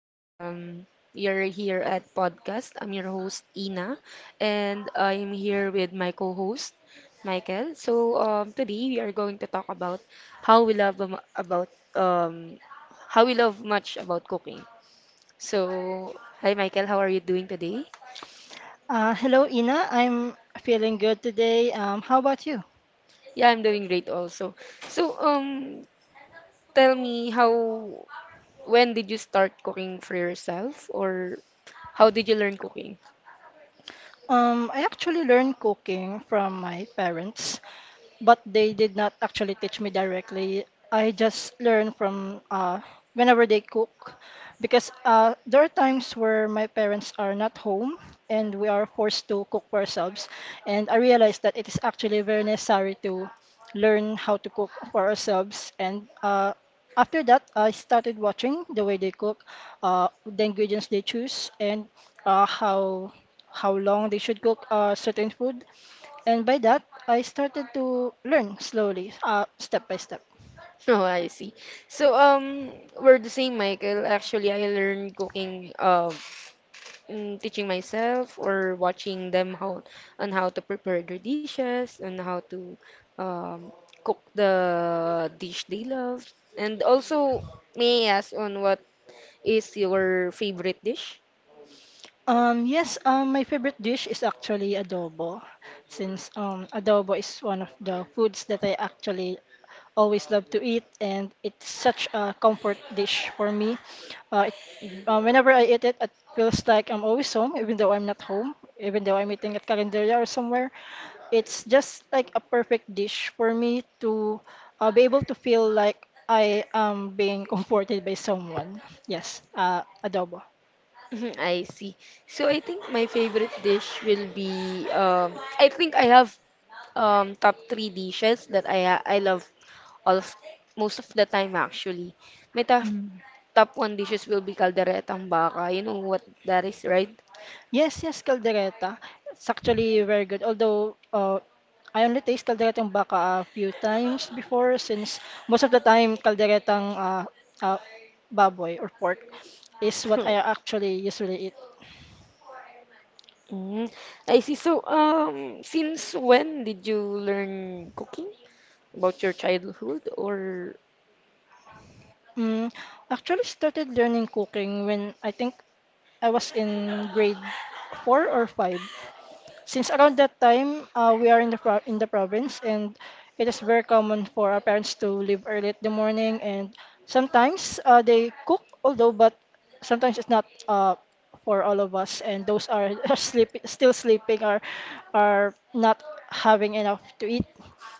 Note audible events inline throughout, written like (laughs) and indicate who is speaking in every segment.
Speaker 1: You're here at podcast. I'm your host Ina, and I'm here with my co-host Michael. So today we are going to talk about how we love am- about um, how we love much about cooking. So hi Michael, how are you doing today?
Speaker 2: Hello, Ina. I'm feeling good today. How about you?
Speaker 1: Yeah, I'm doing great also. So tell me how when did you start cooking for yourself, or how did you learn cooking?
Speaker 2: I actually learned cooking from my parents, but they did not actually teach me directly. I just learn from whenever they cook, because there are times where my parents are not home and we are forced to cook for ourselves. And I realized that it is actually very necessary to learn how to cook for ourselves. And after that, I started watching the way they cook, the ingredients they choose, and uh, how how long they should cook certain food, and by that, I started to learn slowly, step by step.
Speaker 1: (laughs) Oh, I see. So, we're the same, Michael. Actually, I learned cooking, teaching myself or watching them how on how to prepare their dishes and how to um, cook the dish they love. And also, may I ask on what is your favorite dish?
Speaker 2: Yes, my favorite dish is actually adobo, since adobo is one of the foods that I actually always love to eat, and it's such a comfort dish for me. Uh, it, Whenever I eat it, it feels like I'm always home, even though I'm not home, even though I'm eating at Calendaria or somewhere. It's just like a perfect dish for me to be able to feel like I am being (laughs) comforted by someone. Yes, adobo.
Speaker 1: (laughs) Mhm, I see. So I think my favorite dish will be I think I have top three dishes that I love all of most of the time actually. My top
Speaker 2: Mm.
Speaker 1: top one dishes will be calderetang baka. You know what that is, right?
Speaker 2: Yes, yes, caldereta. It's actually very good. Although I only taste calderetang baka a few times before, since most of the time calderetang uh, baboy or pork is what I
Speaker 1: (laughs)
Speaker 2: actually usually eat.
Speaker 1: Mm, I see. So since when did you learn cooking? About your childhood or
Speaker 2: Mm, Actually started learning cooking when I think I was in grade four or five. Since around that time, we are in the in the province, and it is very common for our parents to leave early in the morning, and sometimes they cook, although but sometimes it's not for all of us, and those are (laughs) sleep still sleeping or are not having enough to eat.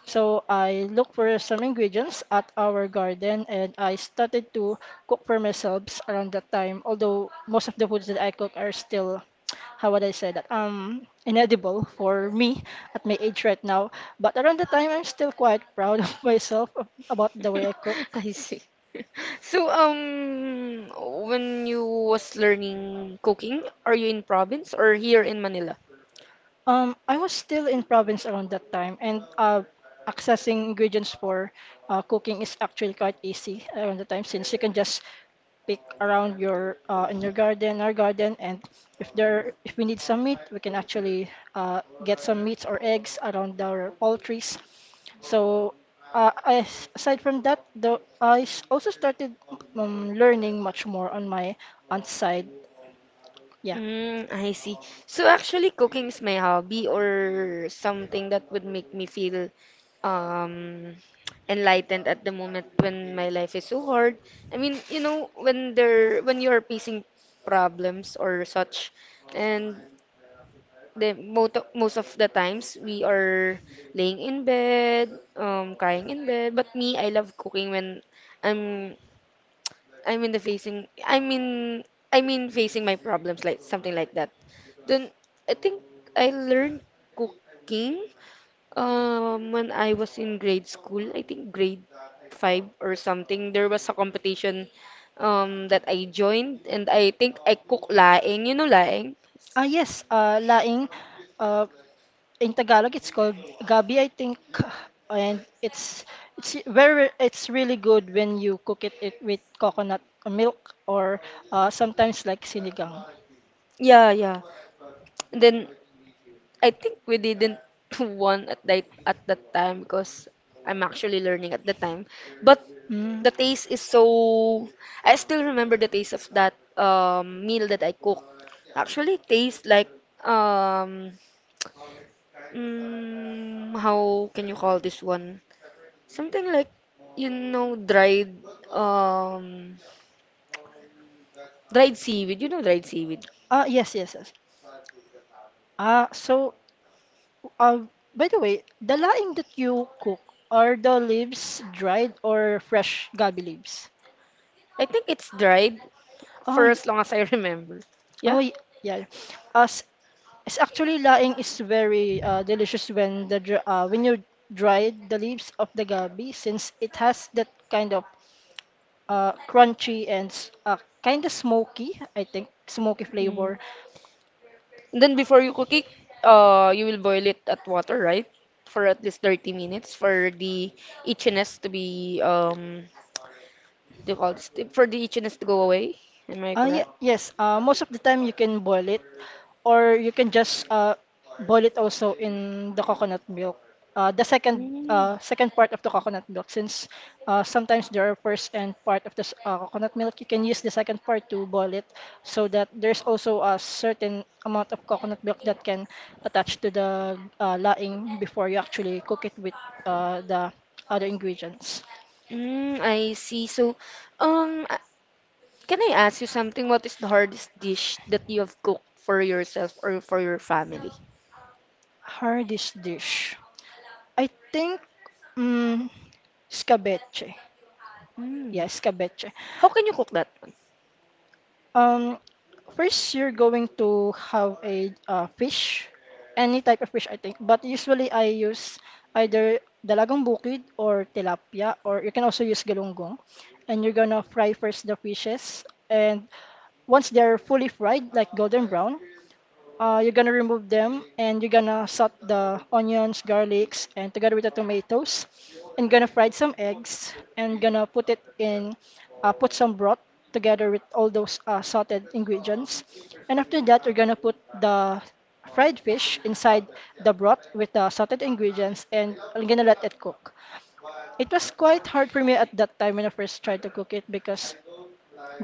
Speaker 2: So I look for some ingredients at our garden and I started to cook for myself around that time. Although most of the foods that I cook are still, how would I say that? Inedible for me at my age right now. But around the time, I'm still quite proud of (laughs) myself about the way I cook.
Speaker 1: (laughs) I see. (laughs) So, when you was learning cooking, are you in province or here in Manila?
Speaker 2: I was still in province around that time, and accessing ingredients for cooking is actually quite easy around the time, since you can just pick around your in your garden, our garden, and if there if we need some meat, we can actually get some meats or eggs around our poultries. So, aside from that, though, also started learning much more on my aunt's side. Yeah.
Speaker 1: Mm, I see. So actually, cooking is my hobby or something that would make me feel um enlightened at the moment when my life is so hard. I mean, when you are facing problems or such, and the most of the times we are laying in bed, crying in bed. But me, I love cooking when I'm I'm in the facing I mean facing my problems like something like that. Then I think I learned cooking when I was in grade school. I think grade five or something. There was a competition that I joined and I think I cook laing. You know laing?
Speaker 2: Ah, yes, laing. Uh, in Tagalog, it's called gabi, I think. And it's really good when you cook it, it with coconut milk or sometimes like sinigang.
Speaker 1: Yeah, yeah. And then I think we didn't (laughs) want at that time because I'm actually learning at the time. But
Speaker 2: Mm.
Speaker 1: the taste is so I still remember the taste of that meal that I cooked. Actually tastes like um how can you call this one? Something like you know dried um dried seaweed. You know dried seaweed.
Speaker 2: Ah, yes, yes, yes. Ah, so Uh, by the way, the laing that you cook, are the leaves dried or fresh gabi leaves?
Speaker 1: I think it's dried
Speaker 2: Oh,
Speaker 1: for
Speaker 2: y-
Speaker 1: as long as I (laughs) remember.
Speaker 2: oh
Speaker 1: Yeah.
Speaker 2: y- yeah. As it's actually, laing is very delicious when when you dry the leaves of the gabi, since it has that kind of uh, crunchy and s- uh, kind of smoky, I think, smoky flavor.
Speaker 1: Mm. Then before you cook it, you will boil it at water, right? For at least 30 minutes for the itchiness to be do you call this, for the itchiness to go away. Am I
Speaker 2: Yeah,
Speaker 1: correct?
Speaker 2: yes. Most of the time you can boil it, or you can just boil it also in the coconut milk. Uh, the second
Speaker 1: Mm.
Speaker 2: uh, second part of the coconut milk, since sometimes there are first and part of the coconut milk, you can use the second part to boil it, so that there's also a certain amount of coconut milk that can attach to the laing before you actually cook it with the other ingredients.
Speaker 1: Mm, I see. So, um, a- can I ask you something? What is the hardest dish that you have cooked for yourself or for your family?
Speaker 2: Hardest dish. I think mm scabeche. Yeah,
Speaker 1: Mm.
Speaker 2: scabeche.
Speaker 1: How can you cook that? (laughs)
Speaker 2: Um, first you're going to have a fish, any type of fish, I think. But usually I use either dalagang bukid or tilapia, or you can also use galunggong. And you're gonna fry first the fishes, and once they're fully fried, like golden brown, you're gonna remove them and you're gonna saute the onions, garlics, and together with the tomatoes. And gonna fry some eggs and gonna put it in, put some broth together with all those sauteed ingredients. And after that, you're gonna put the fried fish inside the broth with the sauteed ingredients and I'm gonna let it cook. It was quite hard for me at that time when I first tried to cook it because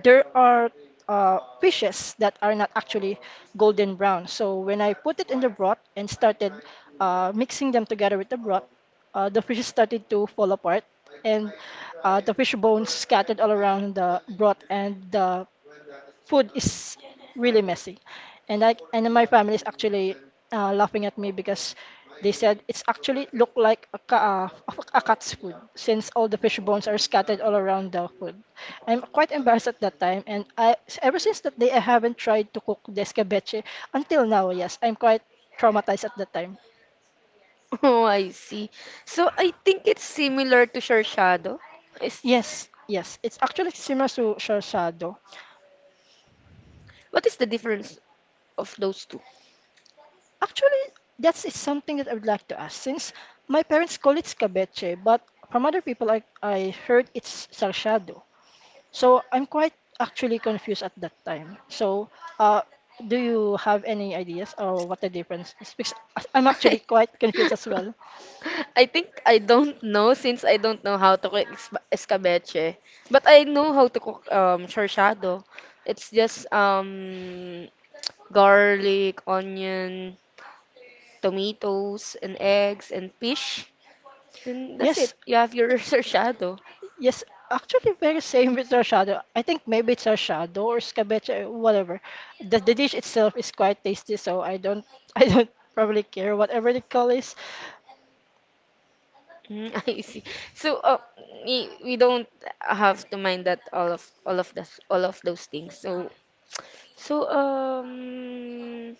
Speaker 2: there are fishes that are not actually golden brown. So when I put it in the broth and started mixing them together with the broth, the fishes started to fall apart, and the fish bones scattered all around the broth, and the food is really messy, and I and my family is actually laughing at me because they said it's actually look like a cat's food since all the fish bones are scattered all around the food. I'm quite embarrassed at that time, and I ever since that day I haven't tried to cook the escabeche until now. Yes, I'm quite traumatized at that time.
Speaker 1: Oh, I see. So I think it's similar to shortshado. Is
Speaker 2: Yes, yes, it's actually similar to shashado.
Speaker 1: What is the difference of those two?
Speaker 2: Actually, that's is something that I would like to ask, since my parents call it scabeche, but from other people I heard it's sarshado. So I'm quite actually confused at that time. So uh, do you have any ideas or what the difference is? Because I'm actually
Speaker 1: (laughs)
Speaker 2: quite confused as well.
Speaker 1: I think I don't know since I don't know how to cook escabeche. But I know how to cook shortshado. It's just garlic, onion, tomatoes and eggs and fish. Then that's
Speaker 2: Yes,
Speaker 1: it. You have your (laughs) researchado.
Speaker 2: yes, actually very same with sarshado. I think maybe it's sarshado or scabeche, whatever. The dish itself is quite tasty, so I don't (laughs) I don't probably care whatever the call is.
Speaker 1: Mm, (laughs) I see. So we don't have to mind that all of those things. So um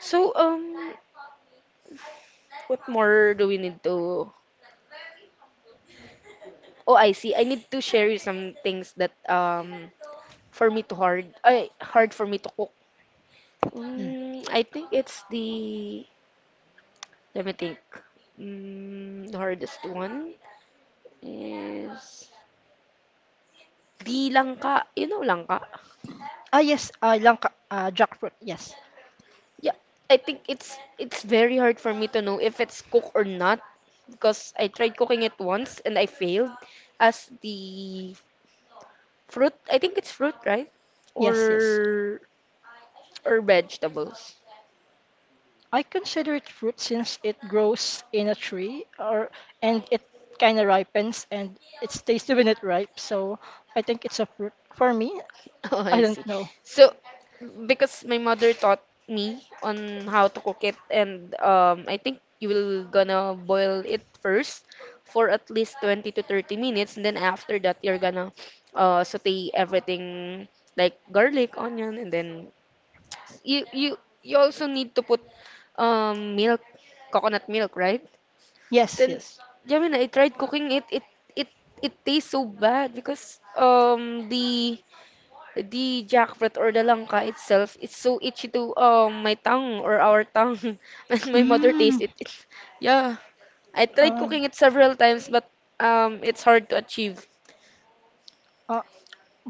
Speaker 1: so what more do we need to Oh, I see. I need to share you some things that for me to hard I hard for me to cook. Mm, I think it's the let me think. Mm, the hardest one is the langka. You know langka?
Speaker 2: Ah, yes, langka, jackfruit. Yes,
Speaker 1: Yeah, I think it's very hard for me to know if it's cooked or not because I tried cooking it once and I failed as the fruit. I think it's fruit, right?
Speaker 2: yes, yes.
Speaker 1: Or vegetables.
Speaker 2: I consider it fruit since it grows in a tree, or and it kind of ripens and it's tasty when it ripe. So I think it's a fruit for me.
Speaker 1: (laughs) Oh,
Speaker 2: I
Speaker 1: I
Speaker 2: don't
Speaker 1: see.
Speaker 2: know.
Speaker 1: So, because my mother taught me on how to cook it, and I think you will gonna boil it first for at least 20 to 30 minutes, and then after that, you're gonna saute everything like garlic, onion, and then you you you also need to put um, milk, coconut milk, right?
Speaker 2: Yes,
Speaker 1: Then,
Speaker 2: yes.
Speaker 1: yeah, when I tried cooking it. It it tastes so bad because the jackfruit or the langka itself, it's so itchy to my tongue or our tongue (laughs) when my mother
Speaker 2: Mm,
Speaker 1: tastes it. It's, yeah, I tried
Speaker 2: uh,
Speaker 1: cooking it several times, but it's hard to achieve.
Speaker 2: uh,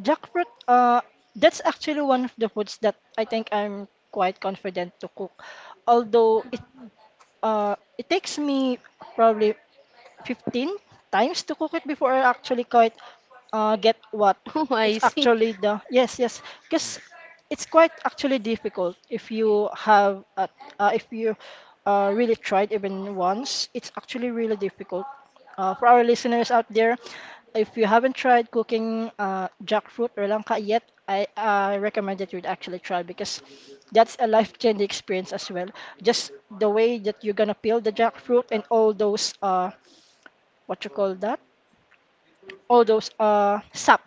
Speaker 2: jackfruit. That's actually one of the foods that I think I'm quite confident to cook. Although it takes me probably 15 times to cook it before I actually quite get what
Speaker 1: (laughs) Oh,
Speaker 2: it's
Speaker 1: I see.
Speaker 2: actually the. Yes, yes, because it's quite actually difficult if you have a, if you really tried even once, it's actually really difficult. For our listeners out there, if you haven't tried cooking jackfruit or langka yet, I recommend that you'd actually try, because that's a life-changing experience as well, just the way that you're gonna peel the jackfruit and all those what you call that? All those uh sap,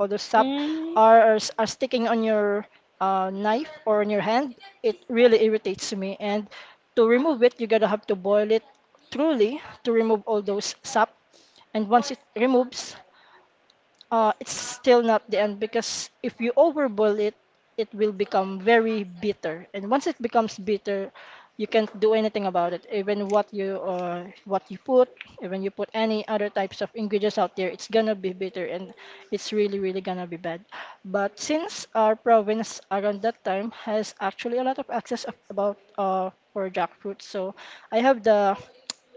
Speaker 2: all those sap
Speaker 1: Mm.
Speaker 2: are sticking on your knife or on your hand. It really irritates me. And to remove it, you gotta have to boil it thoroughly to remove all those sap. And once it removes, it's still not the end, because if you overboil it, it will become very bitter. And once it becomes bitter, you can't do anything about it. Even what you put, even you put any other types of ingredients out there, it's gonna be bitter and it's really really gonna be bad. But since our province around that time has actually a lot of access about for jackfruit, so I have the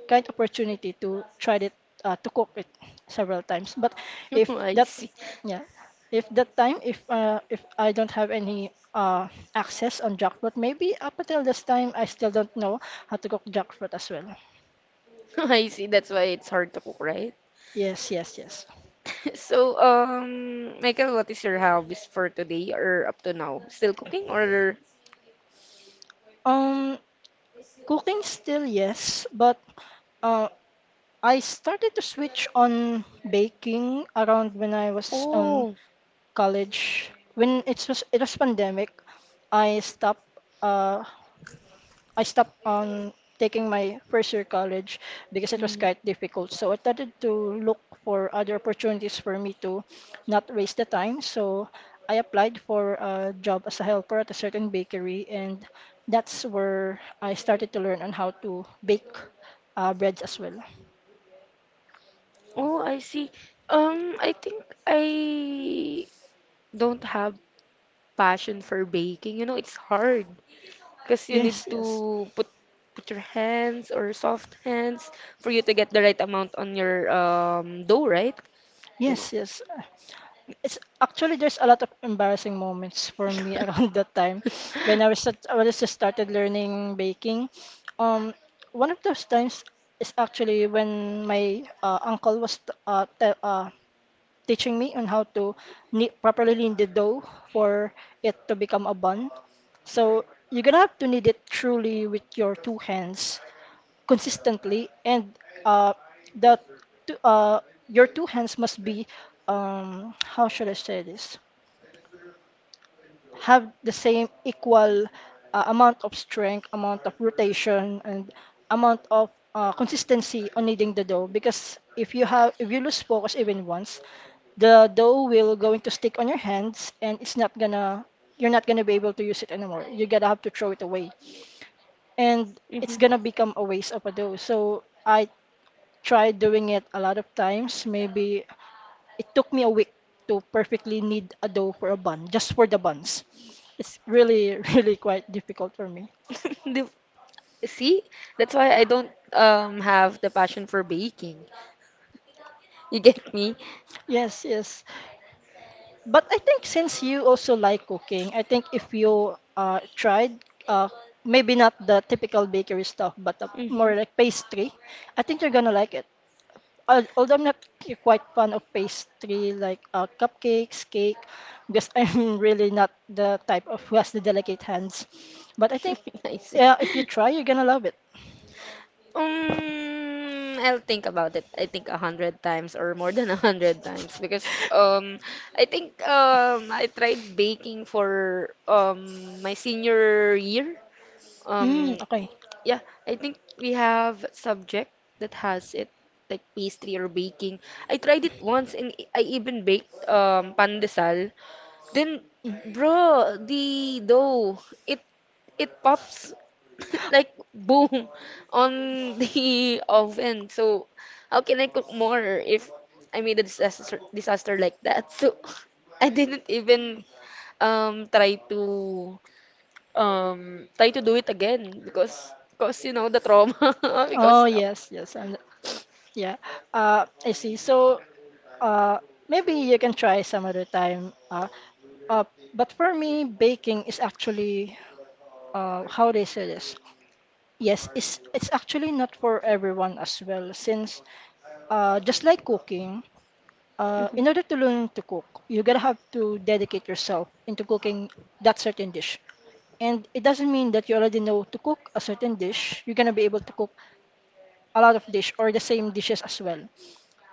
Speaker 2: kind opportunity to try it to cook it several times. But
Speaker 1: (laughs)
Speaker 2: if
Speaker 1: Oh, I
Speaker 2: that
Speaker 1: see. (laughs)
Speaker 2: yeah, if that time if I don't have any access on jackfruit, maybe up until this time I still don't know how to cook jackfruit as well.
Speaker 1: Oh, I see. That's why it's hard to cook, right?
Speaker 2: Yes, yes, yes.
Speaker 1: (laughs) So, Michael, what is your hobbies for today or up to now? Still cooking or?
Speaker 2: Um cooking still, yes, but uh, I started to switch on baking around when I was on
Speaker 1: Oh,
Speaker 2: college. When it was pandemic, I stopped uh, I stopped taking my first year college because it was
Speaker 1: mm.
Speaker 2: quite difficult. So I started to look for other opportunities for me to not waste the time. So I applied for a job as a helper at a certain bakery, and that's where I started to learn on how to bake breads as well.
Speaker 1: Oh, I see. I think I don't have passion for baking, it's hard because you need
Speaker 2: Yes, yes,
Speaker 1: to put your hands or soft hands for you to get the right amount on your dough, right? Then,
Speaker 2: yes, yes. It's actually there's a lot of embarrassing moments for me (laughs) around that
Speaker 1: (laughs)
Speaker 2: time when I was just started learning baking. Um, one of those times is actually when my uncle was uh, te- uh, teaching me on how to knead, properly knead the dough for it to become a bun. So you're gonna have to knead it truly with your two hands consistently, and uh, the two, uh, your two hands must be how should I say this? Have the same equal amount of strength, amount of rotation, and amount of consistency on kneading the dough. Because if you lose focus even once, the dough will going to stick on your hands, and it's not gonna, you're not gonna be able to use it anymore. You got to have to throw it away, and
Speaker 1: Mhm.
Speaker 2: it's gonna become a waste of a dough. So I tried doing it a lot of times, maybe it took me a week to perfectly knead a dough for a bun, just for the buns. It's really, (laughs) really quite difficult for me.
Speaker 1: (laughs) Di See, that's why I don't have the passion for baking. You get me?
Speaker 2: Yes, yes. But I think since you also like cooking, I think if you tried, uh, maybe not the typical bakery stuff, but
Speaker 1: Mm-hmm.
Speaker 2: more like pastry, I think you're gonna like it. Although I'm not quite fond of pastry like cupcakes, cake, because (laughs) I'm really not the type of who has the delicate hands. But I think,
Speaker 1: (laughs) I see.
Speaker 2: yeah, if you try, you're gonna love it.
Speaker 1: I'll think about it. I think 100 times or more than 100 times because I think I tried baking for my senior year.
Speaker 2: Mm,
Speaker 1: Um,
Speaker 2: okay.
Speaker 1: yeah, I think we have subject that has it like pastry or baking. I tried it once and I even baked pandesal. Then, bro, the dough, it it pops (laughs) like boom on the (laughs) oven. So, how can I cook more if I made a disaster like that? So, (laughs) I didn't even um try to try to do it again because you know the trauma (laughs) because
Speaker 2: Oh, yes, yes. And (sniffs) yeah. I see. So, uh, maybe you can try some other time. Uh, but for me, baking is actually, how they say this? Yes, it's actually not for everyone as well, since just like cooking,
Speaker 1: Mhm,
Speaker 2: in order to learn to cook, you gotta have to dedicate yourself into cooking that certain dish. And it doesn't mean that you already know to cook a certain dish. You're gonna be able to cook a lot of dish or the same dishes as well.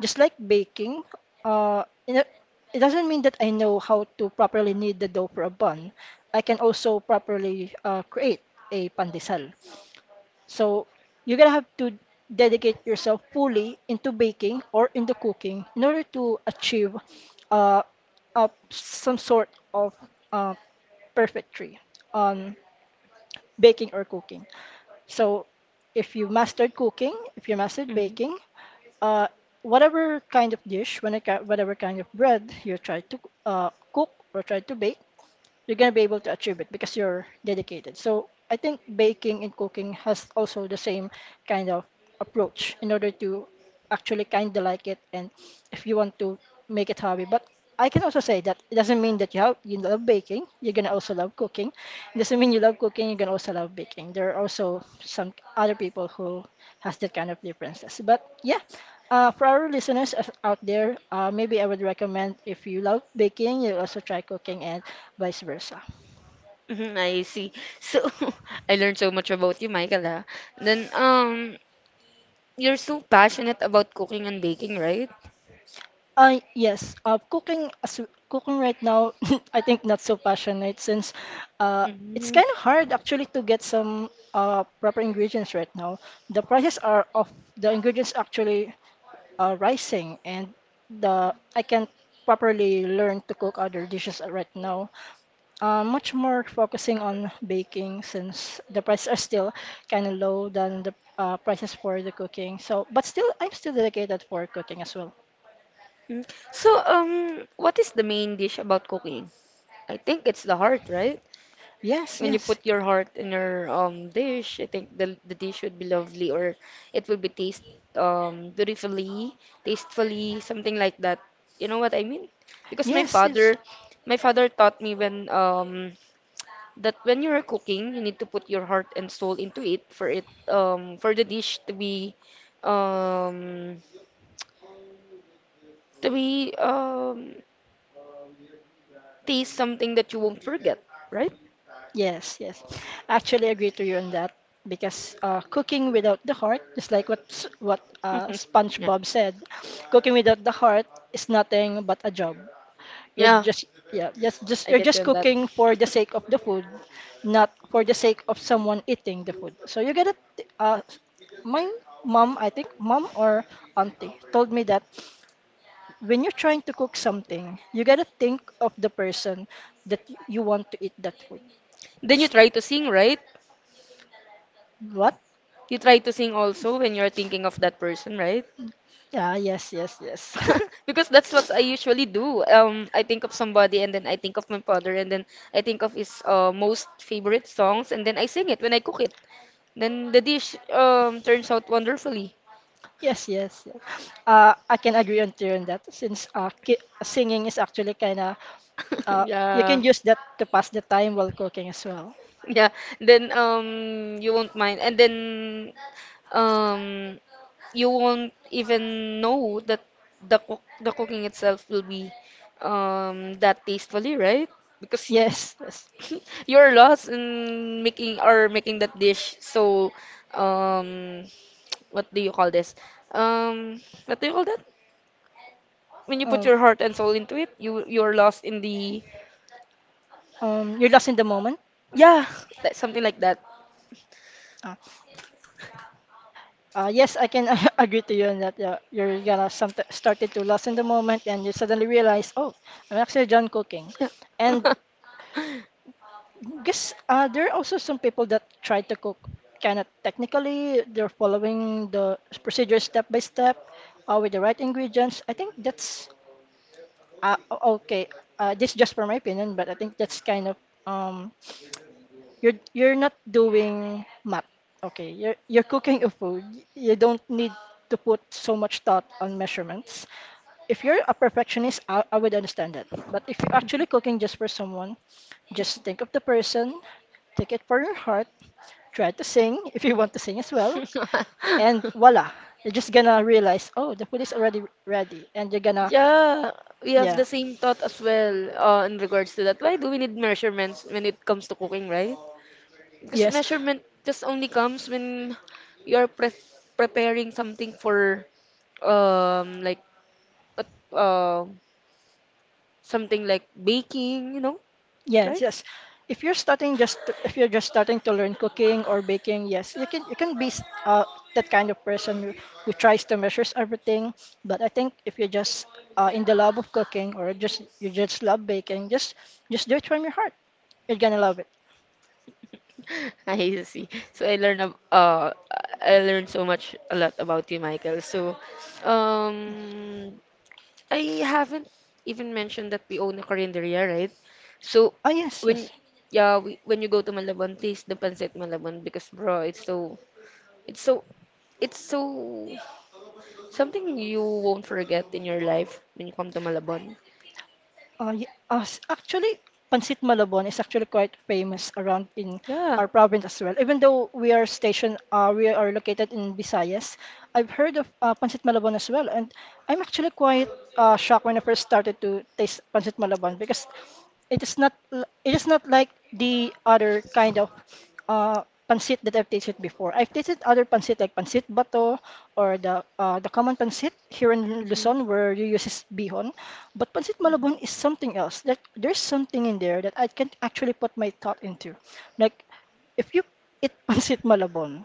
Speaker 2: Just like baking, uh, it it doesn't mean that I know how to properly knead the dough for a bun. I can also properly create a pandesal. So you're gonna have to dedicate yourself fully into baking or into cooking in order to achieve uh, some sort of uh, perfectry on baking or cooking. So if you mastered cooking, if you mastered
Speaker 1: mhm,
Speaker 2: baking, uh, whatever kind of dish, whatever kind of bread you try to cook or try to bake, you're gonna be able to achieve it because you're dedicated. So I think baking and cooking has also the same kind of approach in order to actually kind of like it and if you want to make it hobby. But I can also say that it doesn't mean that you love baking, you're gonna also love cooking. It doesn't mean you love cooking, you're gonna also love baking. There are also some other people who has that kind of differences. But yeah, for our listeners out there, maybe I would recommend if you love baking, you also try cooking and vice versa.
Speaker 1: mhm, I see. So (laughs) I learned so much about you, Michael, ah. Then you're so passionate about cooking and baking, right?
Speaker 2: Yes, cooking right now, (laughs) I think not so passionate since uh, it's
Speaker 1: Mm.
Speaker 2: kind of hard actually to get some proper ingredients right now. The prices are of the ingredients actually rising, and the I can't properly learn to cook other dishes right now. Much more focusing on baking since the prices are still kind of low than the prices for the cooking. So, but still, I'm still dedicated for cooking as well.
Speaker 1: Mm. So, what is the main dish about cooking? I think it's the heart, right?
Speaker 2: Yes,
Speaker 1: When you
Speaker 2: yes,
Speaker 1: put your heart in your dish, I think the dish would be lovely or it will be taste beautifully, tastefully, something like that. You know what I mean? Because my
Speaker 2: yes, yes,
Speaker 1: father, my father taught me when that when you are cooking, you need to put your heart and soul into it for the dish um to be taste something that you won't forget, right?
Speaker 2: yes, yes. I actually I agree to you on that because cooking without the heart, just like what
Speaker 1: (laughs) yeah.
Speaker 2: SpongeBob said, cooking without the heart is nothing but a job. You're
Speaker 1: Yeah,
Speaker 2: just yeah, just just
Speaker 1: I
Speaker 2: you're
Speaker 1: get you
Speaker 2: just
Speaker 1: on that.
Speaker 2: cooking for the
Speaker 1: (laughs)
Speaker 2: sake of the food, not for the sake of someone eating the food. So my mom, I think mom or auntie told me that when you're trying to cook something, you gotta think of the person that you want to eat that food.
Speaker 1: Then you
Speaker 2: S-
Speaker 1: try to sing, right?
Speaker 2: What?
Speaker 1: You try to sing also when you're thinking of that person, right?
Speaker 2: Ah, yes, yes, yes. (laughs)
Speaker 1: (laughs) Because that's what I usually do. I think of somebody and then I think of my father and then I think of his most favorite songs and then I sing it when I cook it. Then the dish turns out wonderfully.
Speaker 2: Yes, yes, yes. I can agree on to you on that since ki singing is actually kind of uh,
Speaker 1: (laughs)
Speaker 2: you can
Speaker 1: Yeah.
Speaker 2: use that to pass the time while cooking as well.
Speaker 1: Yeah. Then you won't mind and then um you won't even know that the cooking itself will be that tastefully, right? Because
Speaker 2: Yes, yes.
Speaker 1: (laughs) you're lost in making or making that dish. So, um, what do you call this? Um, what do you call that? When you put
Speaker 2: Um,
Speaker 1: your heart and soul into it, you're lost in the
Speaker 2: you're lost in the moment.
Speaker 1: Yeah, like something like that.
Speaker 2: Ah. Yes, I can (laughs) agree to you on that. Yeah, you're gonna some started to lost in the moment, and you suddenly realize, oh, I'm actually done cooking,
Speaker 1: Yeah.
Speaker 2: and guess there are also some people that try to cook kind of technically. They're following the procedure step by step, with the right ingredients. I think that's okay. This is just for my opinion, but I think that's kind of. Um You're you're not doing math. Okay, you're cooking a food. You don't need to put so much thought on measurements. If you're a perfectionist, I would understand that. But if you're actually cooking just for someone, just think of the person, take it for your heart, try to sing (laughs) if you want to sing as well,
Speaker 1: (laughs)
Speaker 2: and voila, you're just gonna realize, oh, the food is already ready, and you're gonna,
Speaker 1: Yeah, we have the
Speaker 2: yeah,
Speaker 1: same thought as well in regards to that. Why do we need measurements when it comes to cooking, right? Because
Speaker 2: yes.
Speaker 1: measurement just only comes when you are preparing something for like but uh, something like baking, you know,
Speaker 2: Yes,
Speaker 1: right?
Speaker 2: yes. If you're starting just to, if you're just starting to learn cooking or baking, yes, you can be that kind of person who tries to measures everything. But I think if you're just in the love of cooking or just you just love baking, just do it from your heart. You're gonna love it.
Speaker 1: (laughs) I see. So I learned so much a lot about you, Michael. So um I haven't even mentioned that we own a carinderia, right? So
Speaker 2: Oh, yes,
Speaker 1: when
Speaker 2: yes.
Speaker 1: yeah, when you go to Malabon, taste the pancit Malabon because bro, it's so it's so something you won't forget in your life when you come to Malabon.
Speaker 2: Actually, Pancit Malabon is actually quite famous around in
Speaker 1: Yeah.
Speaker 2: our province as well. Even though we are we are located in Visayas, I've heard of Pancit Malabon as well. And I'm actually quite shocked when I first started to taste Pancit Malabon because it is not like the other kind of pancit that I've tasted before. I've tasted other pancit like pancit bato or the common pancit here in
Speaker 1: Mm-hmm.
Speaker 2: Luzon where you use bihon, but pancit malabon is something else. That there's something in there that I can't actually put my thought into. Like if you eat (laughs) pancit malabon,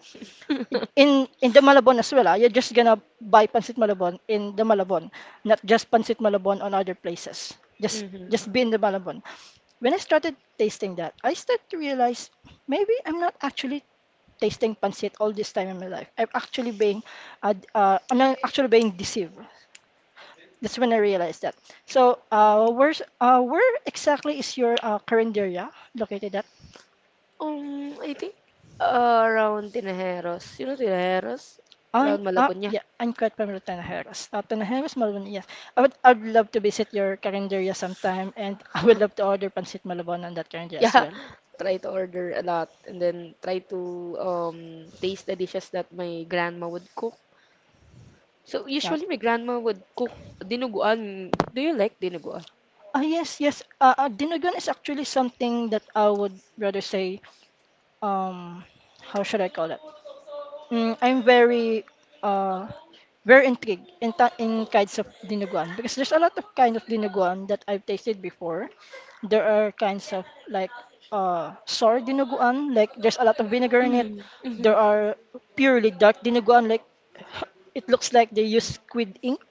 Speaker 2: in the Malabon as well, ah, you're just gonna buy pancit Malabon in the Malabon, not just pancit Malabon on other places. Just
Speaker 1: Mm-hmm.
Speaker 2: just be in the Malabon. When I started tasting that, I started to realize maybe I'm not actually tasting pancit all this time in my life. I'm not actually being deceived. That's when I realized that. So, where exactly is your current area located at?
Speaker 1: I think around Tinajeros. You know Tinajeros?
Speaker 2: I
Speaker 1: Around Malabonya.
Speaker 2: Yeah,
Speaker 1: (laughs)
Speaker 2: I'm quite familiar with Tanajeras. Tanajeras, Malabon, yes. I'd love to visit your Carinderia sometime, and (laughs) I would love to order pancit Malabon on that Carinderia as
Speaker 1: Yeah.
Speaker 2: well.
Speaker 1: Try to order a lot and then try to um taste the dishes that my grandma would cook. So
Speaker 2: Yeah.
Speaker 1: usually my grandma would cook dinuguan. Do you like dinuguan?
Speaker 2: Ah, yes, yes. Dinuguan is actually something that I would rather say. Um, how should I call it? I'm uh very intrigued in in kinds of dinuguan because there's a lot of kind of dinuguan that I've tasted before. There are kinds of like sour dinuguan, like there's a lot of vinegar in it.
Speaker 1: Mm, mm-hmm.
Speaker 2: There are purely dark dinuguan, like (laughs) it looks like they use squid ink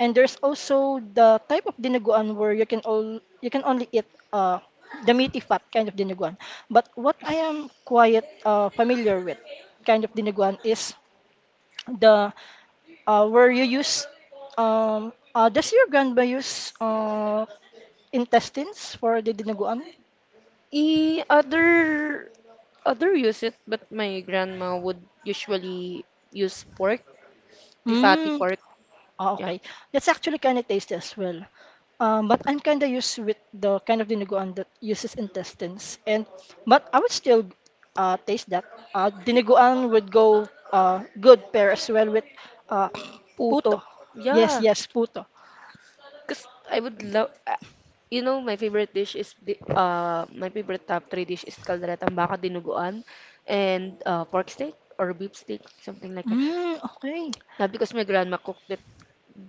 Speaker 2: and there's also the type of dinuguan where you can only eat uh, the meaty fat kind of dinuguan. But what I am quite familiar with kind of dinuguan is the where you use does your grandma use intestines for the dinuguan?
Speaker 1: E Other use it, but my grandma would usually use pork, the fatty
Speaker 2: Mm.
Speaker 1: pork.
Speaker 2: Oh,
Speaker 1: Yeah.
Speaker 2: okay. That's actually kinda tasty as well. But I'm kinda used with the kind of dinuguan that uses intestines, and but I would still taste that. Dinuguan would go good pair as well with uh, (clears throat) puto.
Speaker 1: Puto.
Speaker 2: Yes,
Speaker 1: Yeah.
Speaker 2: yes, puto.
Speaker 1: Because I would love, my favorite top three dish is kalderetang baka dinuguan and pork steak or beef steak, something like that.
Speaker 2: Mm, okay.
Speaker 1: Yeah, because my grandma cooked it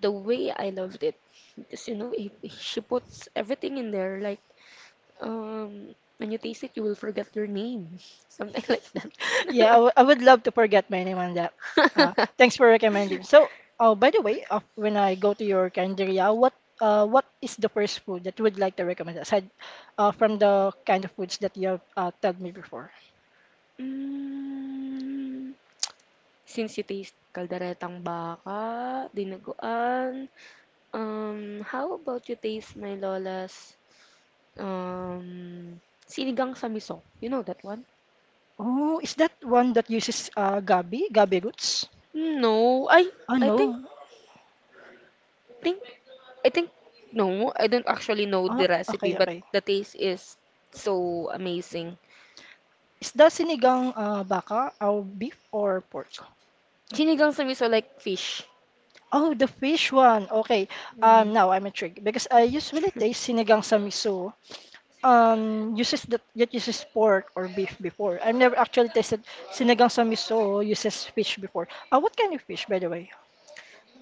Speaker 1: the way I loved it. Because, she puts everything in there. Like, when you taste it, you will forget your name. (laughs) Something like that.
Speaker 2: Yeah, I would love to forget my name on that. Thanks for recommending. So, oh, by the way, when I go to your Canderia, what is the first food that you would like to recommend aside from the kind of foods that you have told me before?
Speaker 1: Mm, since you taste kalderetang baka, dinuguan, how about you taste my lola's um sinigang samisong? You know that one?
Speaker 2: Oh, is that one that uses gabi, gabi roots?
Speaker 1: No,
Speaker 2: Oh,
Speaker 1: I
Speaker 2: no.
Speaker 1: think I think no, I don't actually know
Speaker 2: Ah,
Speaker 1: the recipe,
Speaker 2: okay,
Speaker 1: but
Speaker 2: okay.
Speaker 1: the taste is so amazing.
Speaker 2: Is that sinigang baka or beef or pork?
Speaker 1: Sinigang sa miso like fish.
Speaker 2: Oh, the fish one. Okay.
Speaker 1: Mm.
Speaker 2: Now I'm intrigued because I usually taste sinigang sa miso uses that uses pork or beef before. I've never actually tasted sinigang sa miso uses fish before. What kind of fish, by the way?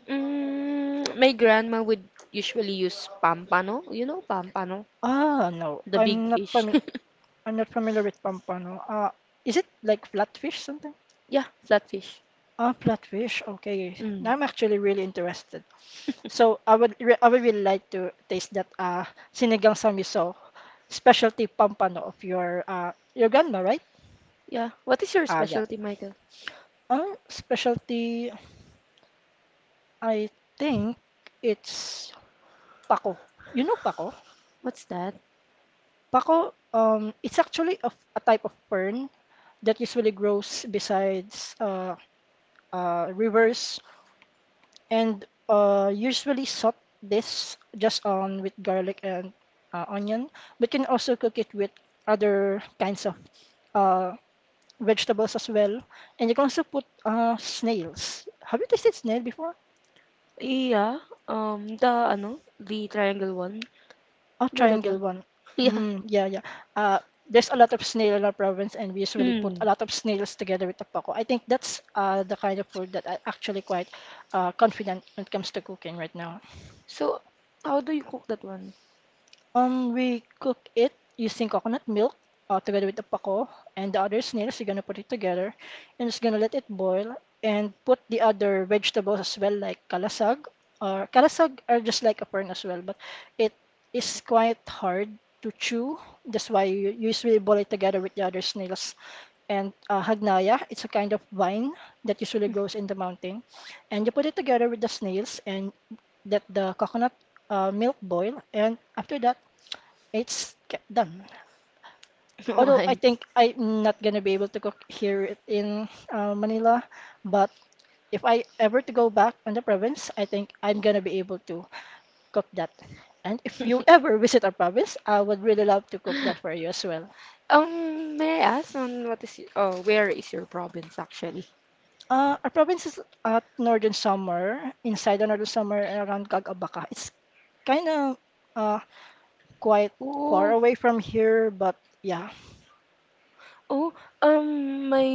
Speaker 1: Mm, my grandma would usually use pampano. You know pampano?
Speaker 2: Ah, no,
Speaker 1: The big
Speaker 2: I'm not
Speaker 1: fish. (laughs)
Speaker 2: familiar. I'm not familiar with pampano. Is it like flatfish something?
Speaker 1: Yeah, flatfish.
Speaker 2: Ah, flatfish. Okay,
Speaker 1: Mm.
Speaker 2: now I'm actually really interested. So I would really like to taste that sinigang sa miso specialty pampano of your grandma, right?
Speaker 1: Yeah. What is your
Speaker 2: Ah, yeah.
Speaker 1: specialty, Michael?
Speaker 2: Specialty. I think it's Pako. You know pako?
Speaker 1: What's that?
Speaker 2: Pako, it's actually a type of fern that usually grows besides rivers and usually salt this just on with garlic and onion, but can also cook it with other kinds of uh, vegetables as well. And you can also put snails. Have you tasted snail before?
Speaker 1: Yeah, the ano, the triangle one.
Speaker 2: Oh,
Speaker 1: No, that
Speaker 2: triangle
Speaker 1: one.
Speaker 2: one.
Speaker 1: (laughs) Yeah.
Speaker 2: Mm, yeah, yeah. Uh, there's a lot of snail in our province, and we usually put a
Speaker 1: Hmm.
Speaker 2: lot of snails together with tapako. I think that's the kind of food that I actually quite confident when it comes to cooking right now.
Speaker 1: So, how do you cook that one?
Speaker 2: We cook it using coconut milk together with the pako and the other snails. We're gonna put it together and just gonna let it boil and put the other vegetables as well, like kalasag or kalasag are just like a fern as well, but it is quite hard to chew. That's why you usually boil it together with the other snails. And hagnaya, it's a kind of vine that usually grows in the mountain, and you put it together with the snails and let the coconut milk boil. And after that it's done.
Speaker 1: (laughs)
Speaker 2: Although I
Speaker 1: Why?
Speaker 2: think
Speaker 1: (laughs)
Speaker 2: I'm not gonna be able to cook here in Manila, but if I ever to go back on the province, I think I'm gonna be able to cook that. And if you ever visit our province, I would really love to cook that for you as well.
Speaker 1: May I ask on where is your province actually?
Speaker 2: Our province is at northern summer, inside the northern summer around Cagabaca. It's kind of uh, quite far
Speaker 1: Oh,
Speaker 2: away from here, but yeah.
Speaker 1: oh, my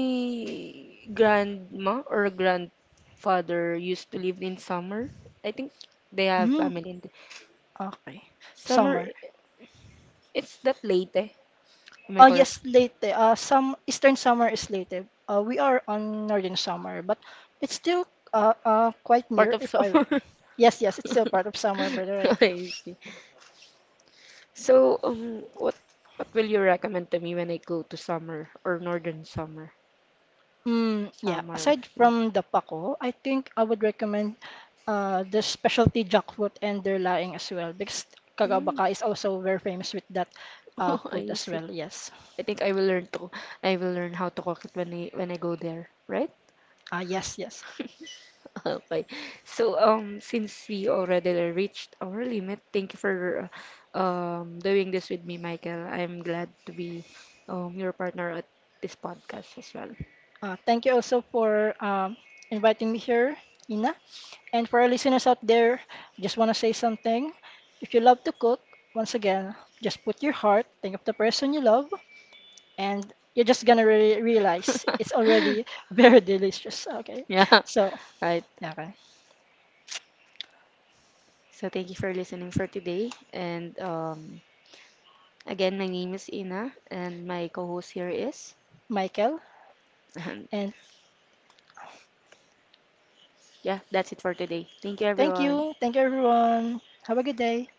Speaker 1: grandma or grandfather used to live in Summer. I think they have
Speaker 2: Mm,
Speaker 1: family in the
Speaker 2: okay.
Speaker 1: Summer.
Speaker 2: Summer.
Speaker 1: It's that Leyte. Am I correct?
Speaker 2: Yes, late. Eh. Some Eastern summer is later. Eh. We are on Northern summer, but it's still quite
Speaker 1: Part
Speaker 2: near.
Speaker 1: of
Speaker 2: If I
Speaker 1: summer.
Speaker 2: yes, yes, it's still part of summer, by the
Speaker 1: (laughs)
Speaker 2: way.
Speaker 1: I see. So, what will you recommend to me when I go to summer or northern summer?
Speaker 2: Mm, yeah.
Speaker 1: Summer,
Speaker 2: Aside
Speaker 1: yeah.
Speaker 2: from the pako, I think I would recommend the specialty jackfruit and their laing as well because
Speaker 1: Mm.
Speaker 2: Kagabaka
Speaker 1: (laughs)
Speaker 2: is also very famous with that
Speaker 1: Oh,
Speaker 2: food
Speaker 1: I
Speaker 2: as
Speaker 1: see.
Speaker 2: well. Yes.
Speaker 1: I think I will learn how to cook it when I go there, right?
Speaker 2: Yes, yes.
Speaker 1: (laughs) Okay. So, since we already reached our limit, thank you for doing this with me, Michael. I'm glad to be your partner at this podcast as well.
Speaker 2: Thank you also for inviting me here, Ina. And for our listeners out there, just want to say something. If you love to cook, once again, just put your heart, think of the person you love, and you're just gonna realize it's already
Speaker 1: (laughs)
Speaker 2: (laughs) very delicious. Okay.
Speaker 1: Yeah,
Speaker 2: So,
Speaker 1: (laughs) right.
Speaker 2: okay.
Speaker 1: So thank you for listening for today. And again, my name is Ina, and my co-host here is. (laughs)
Speaker 2: Michael,
Speaker 1: And
Speaker 2: and
Speaker 1: yeah, that's it for today. Thank you,
Speaker 2: thank
Speaker 1: everyone.
Speaker 2: you. Thank you, everyone. Have a good day.